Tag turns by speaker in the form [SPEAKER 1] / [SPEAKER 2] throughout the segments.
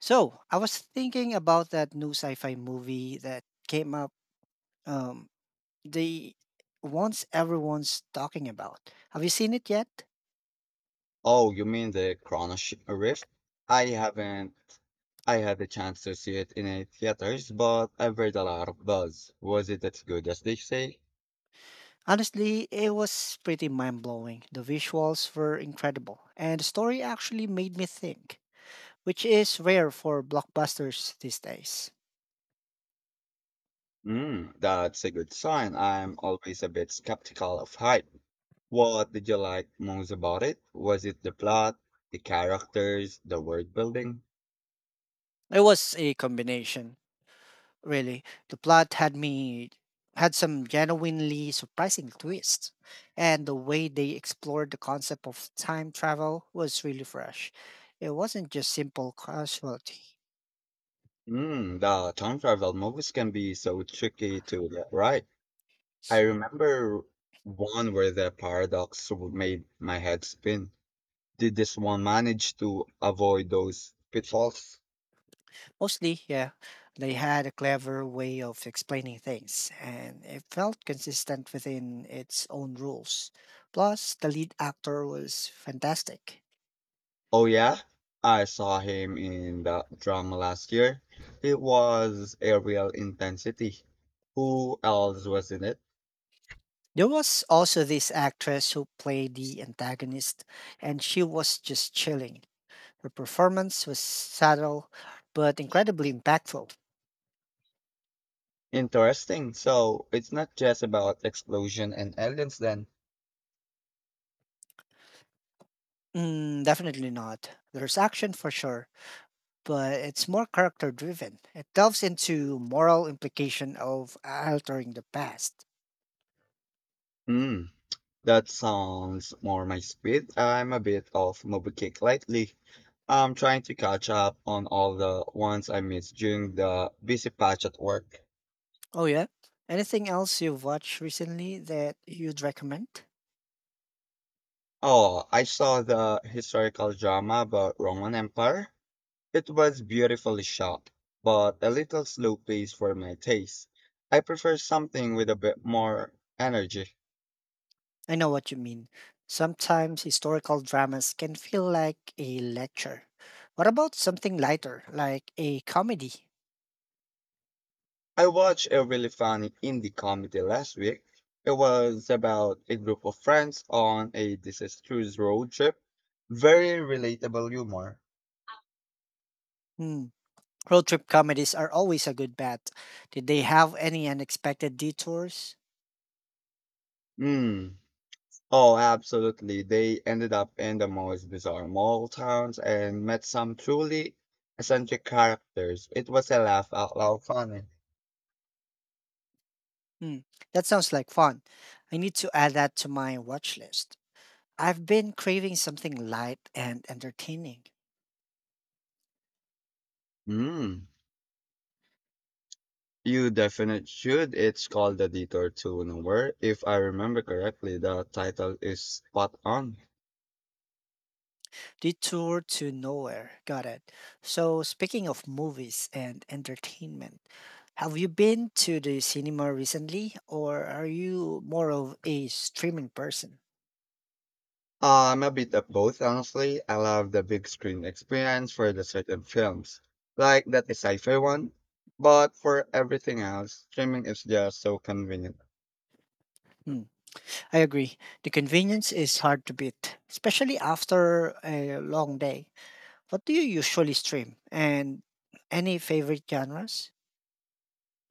[SPEAKER 1] So I was thinking about that new sci-fi movie that came up. Um, the ones everyone's talking about. Have you seen it yet?
[SPEAKER 2] Oh, you mean the Chrono Sh- Rift? I haven't. I had the chance to see it in a theaters, but I've read a lot of buzz. Was it as good as they say?
[SPEAKER 1] Honestly, it was pretty mind blowing. The visuals were incredible, and the story actually made me think, which is rare for blockbusters these days.
[SPEAKER 2] Mm, that's a good sign. I'm always a bit skeptical of hype. What did you like most about it? Was it the plot, the characters, the world building?
[SPEAKER 1] It was a combination, really. The plot had me had some genuinely surprising twists, and the way they explored the concept of time travel was really fresh. It wasn't just simple casualty.
[SPEAKER 2] Mm, the time travel movies can be so tricky to get right. I remember one where the paradox made my head spin. Did this one manage to avoid those pitfalls?
[SPEAKER 1] Mostly, yeah, they had a clever way of explaining things, and it felt consistent within its own rules. Plus, the lead actor was fantastic.
[SPEAKER 2] Oh yeah, I saw him in the drama last year. It was a real intensity. Who else was in it?
[SPEAKER 1] There was also this actress who played the antagonist, and she was just chilling. Her performance was subtle, but incredibly impactful.
[SPEAKER 2] Interesting. So it's not just about explosion and aliens then.
[SPEAKER 1] Mm, definitely not. There's action for sure, but it's more character driven. It delves into moral implication of altering the past.
[SPEAKER 2] Hmm, that sounds more my speed. I'm a bit off movie kick lately. I'm trying to catch up on all the ones I missed during the busy patch at work.
[SPEAKER 1] Oh yeah. Anything else you've watched recently that you'd recommend?
[SPEAKER 2] Oh, I saw the historical drama about Roman Empire. It was beautifully shot, but a little slow paced for my taste. I prefer something with a bit more energy.
[SPEAKER 1] I know what you mean. Sometimes historical dramas can feel like a lecture. What about something lighter, like a comedy?
[SPEAKER 2] I watched a really funny indie comedy last week. It was about a group of friends on a disastrous road trip. Very relatable humor.
[SPEAKER 1] Hmm. Road trip comedies are always a good bet. Did they have any unexpected detours?
[SPEAKER 2] Hmm. Oh, absolutely. They ended up in the most bizarre mall towns and met some truly eccentric characters. It was a laugh out loud funny.
[SPEAKER 1] Hmm. That sounds like fun. I need to add that to my watch list. I've been craving something light and entertaining.
[SPEAKER 2] Mm. You definitely should. It's called The Detour to Nowhere. If I remember correctly, the title is spot on.
[SPEAKER 1] Detour to Nowhere. Got it. So, speaking of movies and entertainment, have you been to the cinema recently, or are you more of a streaming person?
[SPEAKER 2] I'm a bit of both, honestly. I love the big screen experience for the certain films, like that sci-fi one. But for everything else, streaming is just so convenient.
[SPEAKER 1] Hmm, I agree. The convenience is hard to beat, especially after a long day. What do you usually stream? And any favorite genres?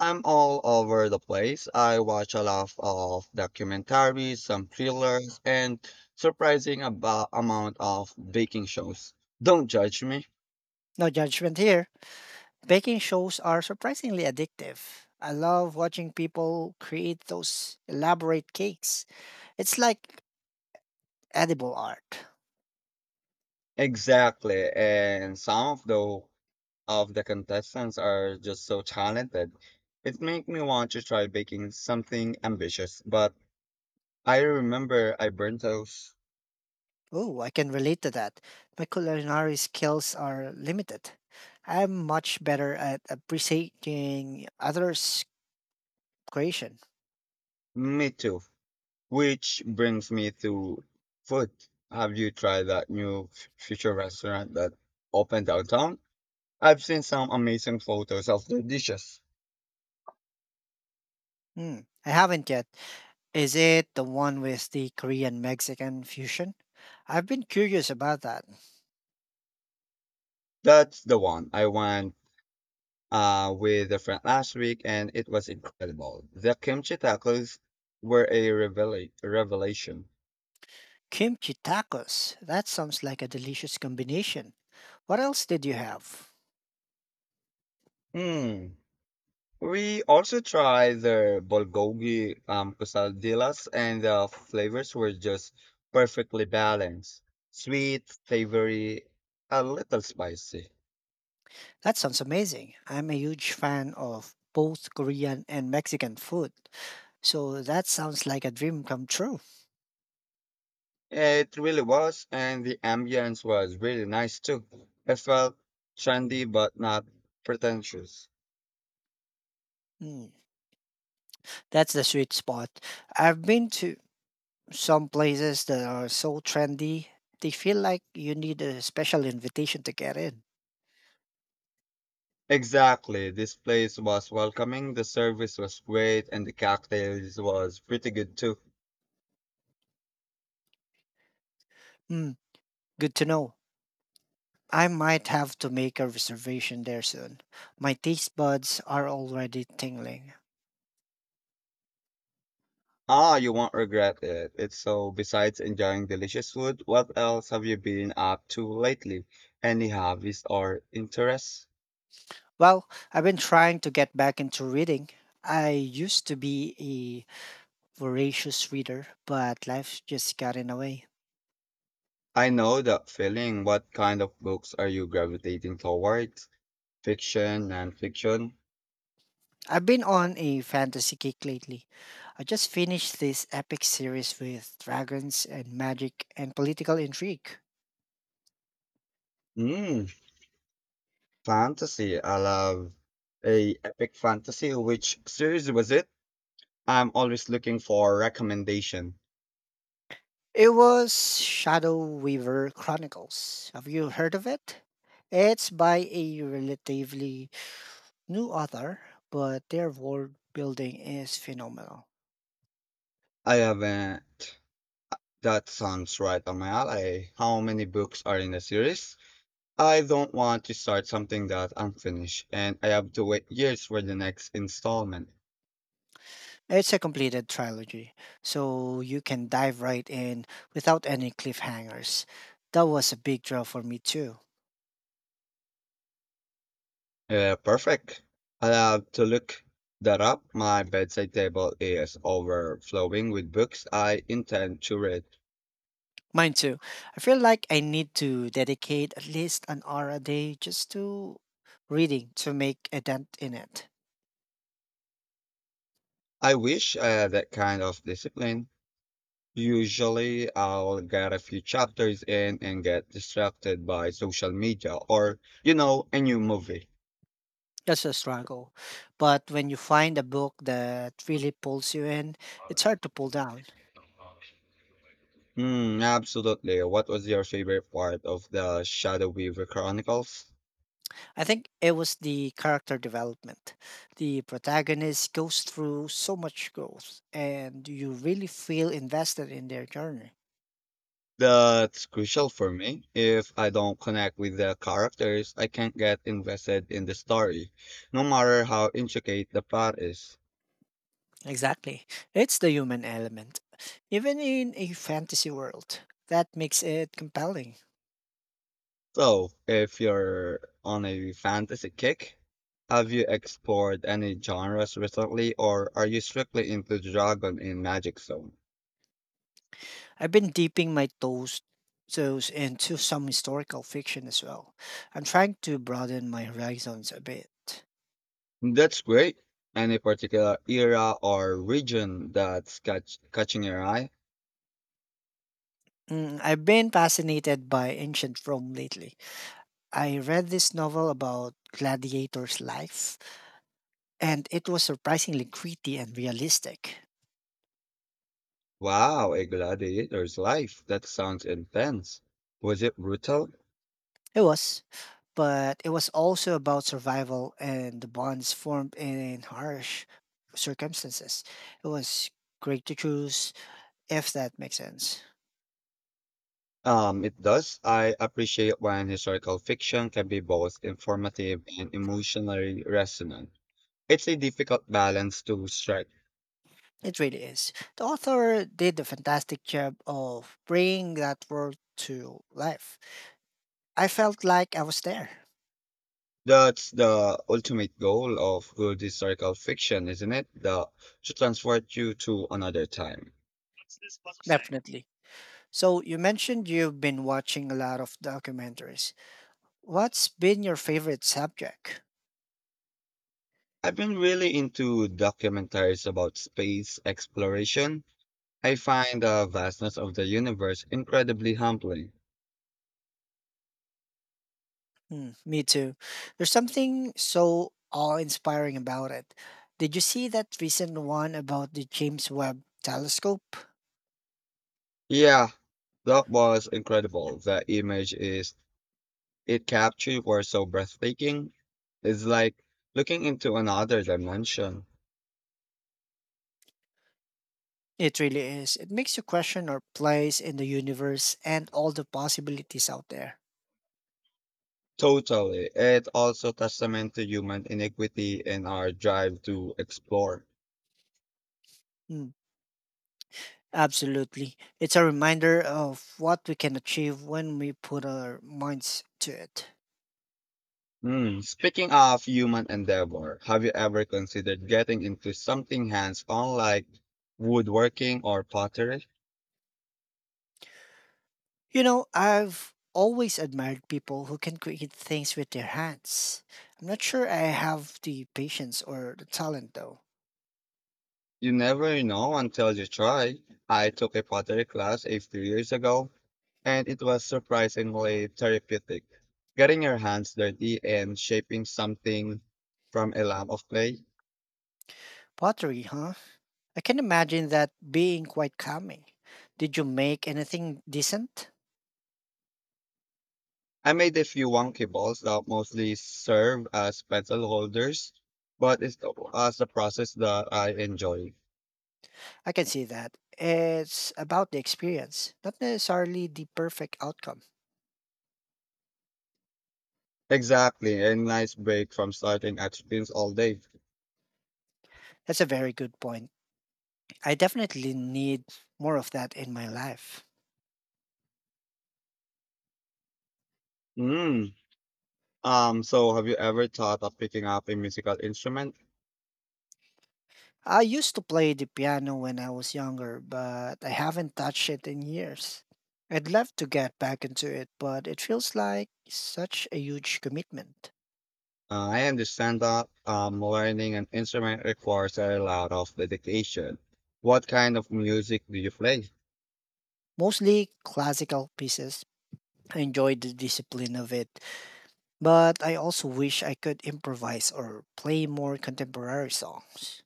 [SPEAKER 2] I'm all over the place. I watch a lot of documentaries, some thrillers, and surprising about amount of baking shows. Don't judge me.
[SPEAKER 1] No judgment here. Baking shows are surprisingly addictive. I love watching people create those elaborate cakes. It's like edible art.
[SPEAKER 2] Exactly. And some of the contestants are just so talented. It made me want to try baking something ambitious, but I remember I burnt those.
[SPEAKER 1] Oh, I can relate to that. My culinary skills are limited. I'm much better at appreciating others' creation.
[SPEAKER 2] Me too. Which brings me to food. Have you tried that new future restaurant that opened downtown? I've seen some amazing photos of their dishes.
[SPEAKER 1] Hmm, I haven't yet. Is it the one with the Korean Mexican fusion? I've been curious about that.
[SPEAKER 2] That's the one I went with a friend last week, and it was incredible. The kimchi tacos were a revelation.
[SPEAKER 1] Kimchi tacos. That sounds like a delicious combination. What else did you have?
[SPEAKER 2] Mm. We also tried their bulgogi quesadillas, and the flavors were just perfectly balanced. Sweet, savory, a little spicy.
[SPEAKER 1] That sounds amazing. I'm a huge fan of both Korean and Mexican food. So that sounds like a dream come true.
[SPEAKER 2] It really was, and the ambience was really nice too. It felt trendy but not pretentious.
[SPEAKER 1] Mm, that's the sweet spot. I've been to some places that are so trendy, they feel like you need a special invitation to get in.
[SPEAKER 2] Exactly, this place was welcoming, the service was great, and the cocktails was pretty good too.
[SPEAKER 1] Mm, good to know. I might have to make a reservation there soon. My taste buds are already tingling.
[SPEAKER 2] Ah, you won't regret it. It's so, besides enjoying delicious food, what else have you been up to lately? Any hobbies or interests?
[SPEAKER 1] Well, I've been trying to get back into reading. I used to be voracious reader, but life just got in the way.
[SPEAKER 2] I know that feeling. What kind of books are you gravitating towards? Fiction, non-fiction?
[SPEAKER 1] I've been on a fantasy kick lately. I just finished this epic series with dragons and magic and political intrigue.
[SPEAKER 2] Hmm, fantasy. I love a epic fantasy. Which series was it? I'm always looking for recommendation.
[SPEAKER 1] It was Shadow Weaver Chronicles. Have you heard of it? It's by a relatively new author, but their world building is phenomenal.
[SPEAKER 2] I haven't. That sounds right on my alley. How many books are in the series? I don't want to start something that I'm finished and I have to wait years for the next installment.
[SPEAKER 1] It's a completed trilogy, so you can dive right in without any cliffhangers. That was a big draw for me too.
[SPEAKER 2] Perfect. I'll have to look that up. My bedside table is overflowing with books I intend to read.
[SPEAKER 1] Mine too. I feel like I need to dedicate at least an hour a day just to reading to make a dent in it.
[SPEAKER 2] I wish I had that kind of discipline. Usually, I'll get a few chapters in and get distracted by social media or, you know, a new movie.
[SPEAKER 1] That's a struggle. But when you find a book that really pulls you in, it's hard to pull down.
[SPEAKER 2] Mm, absolutely. What was your favorite part of the Shadow Weaver Chronicles?
[SPEAKER 1] I think it was the character development. The protagonist goes through so much growth, and you really feel invested in their journey.
[SPEAKER 2] That's crucial for me. If I don't connect with the characters, I can't get invested in the story, no matter how intricate the plot is.
[SPEAKER 1] Exactly. It's the human element. Even in a fantasy world, that makes it compelling.
[SPEAKER 2] So, if you're on a fantasy kick, have you explored any genres recently, or are you strictly into Dragon in Magic Zone?
[SPEAKER 1] I've been dipping my toes into some historical fiction as well. I'm trying to broaden my horizons a bit.
[SPEAKER 2] That's great. Any particular era or region that's catching your eye?
[SPEAKER 1] Mm, I've been fascinated by ancient Rome lately. I read this novel about gladiators' life, and it was surprisingly gritty and realistic.
[SPEAKER 2] Wow, a gladiator's life. That sounds intense. Was it brutal?
[SPEAKER 1] It was, but it was also about survival and the bonds formed in harsh circumstances. It was great to choose, if that makes sense.
[SPEAKER 2] It does. I appreciate when historical fiction can be both informative and emotionally resonant. It's a difficult balance to strike.
[SPEAKER 1] It really is. The author did a fantastic job of bringing that world to life. I felt like I was there.
[SPEAKER 2] That's the ultimate goal of good historical fiction, isn't it? The to transport you to another time.
[SPEAKER 1] Definitely. So, you mentioned you've been watching a lot of documentaries. What's been your favorite subject?
[SPEAKER 2] I've been really into documentaries about space exploration. I find the vastness of the universe incredibly humbling.
[SPEAKER 1] Mm, me too. There's something so awe-inspiring about it. Did you see that recent one about the James Webb Telescope?
[SPEAKER 2] Yeah, that was incredible. The image is it captured were so breathtaking. It's like looking into another dimension.
[SPEAKER 1] It really is. It makes you question our place in the universe and all the possibilities out there.
[SPEAKER 2] Totally. It also testament to human iniquity and our drive to explore.
[SPEAKER 1] Mm, absolutely. It's a reminder of what we can achieve when we put our minds to it.
[SPEAKER 2] Hmm. Speaking of human endeavor, have you ever considered getting into something hands-on like woodworking or pottery?
[SPEAKER 1] You know, I've always admired people who can create things with their hands. I'm not sure I have the patience or the talent though.
[SPEAKER 2] You never know until you try. I took a pottery class a few years ago, and it was surprisingly therapeutic. Getting your hands dirty and shaping something from a lump of clay.
[SPEAKER 1] Pottery, huh? I can imagine that being quite calming. Did you make anything decent?
[SPEAKER 2] I made a few wonky balls that mostly serve as pencil holders, but it's as the process that I enjoy.
[SPEAKER 1] I can see that. It's about the experience, not necessarily the perfect outcome.
[SPEAKER 2] Exactly, a nice break from starting at screens all day.
[SPEAKER 1] That's a very good point. I definitely need more of that in my life.
[SPEAKER 2] Mm. So, have you ever thought of picking up a musical instrument?
[SPEAKER 1] I used to play the piano when I was younger, but I haven't touched it in years. I'd love to get back into it, but it feels like such a huge commitment.
[SPEAKER 2] I understand that learning an instrument requires a lot of dedication. What kind of music do you play?
[SPEAKER 1] Mostly classical pieces, I enjoyed the discipline of it, but I also wish I could improvise or play more contemporary songs.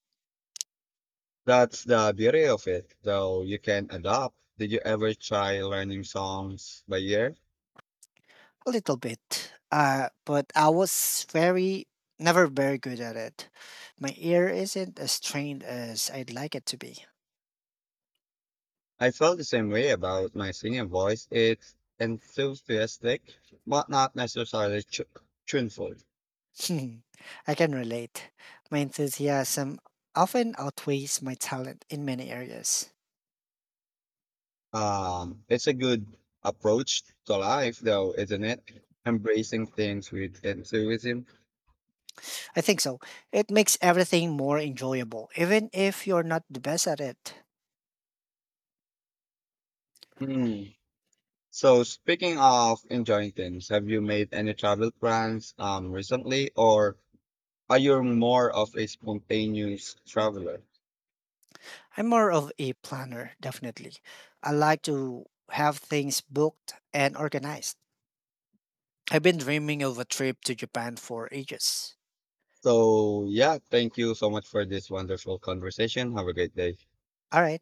[SPEAKER 2] That's the beauty of it, though you can adapt. Did you ever try learning songs by ear?
[SPEAKER 1] A little bit. But I was never very good at it. My ear isn't as trained as I'd like it to be.
[SPEAKER 2] I felt the same way about my singing voice. It's enthusiastic, but not necessarily tuneful.
[SPEAKER 1] Hmm, I can relate. My enthusiasm often outweighs my talent in many areas.
[SPEAKER 2] It's a good approach to life, though, isn't it? Embracing things with enthusiasm.
[SPEAKER 1] I think so. It makes everything more enjoyable, even if you're not the best at it.
[SPEAKER 2] Hmm. So speaking of enjoying things, have you made any travel plans recently or are you more of a spontaneous traveler?
[SPEAKER 1] I'm more of a planner, definitely. I like to have things booked and organized. I've been dreaming of a trip to Japan for ages.
[SPEAKER 2] So yeah, thank you so much for this wonderful conversation. Have a great day.
[SPEAKER 1] All right.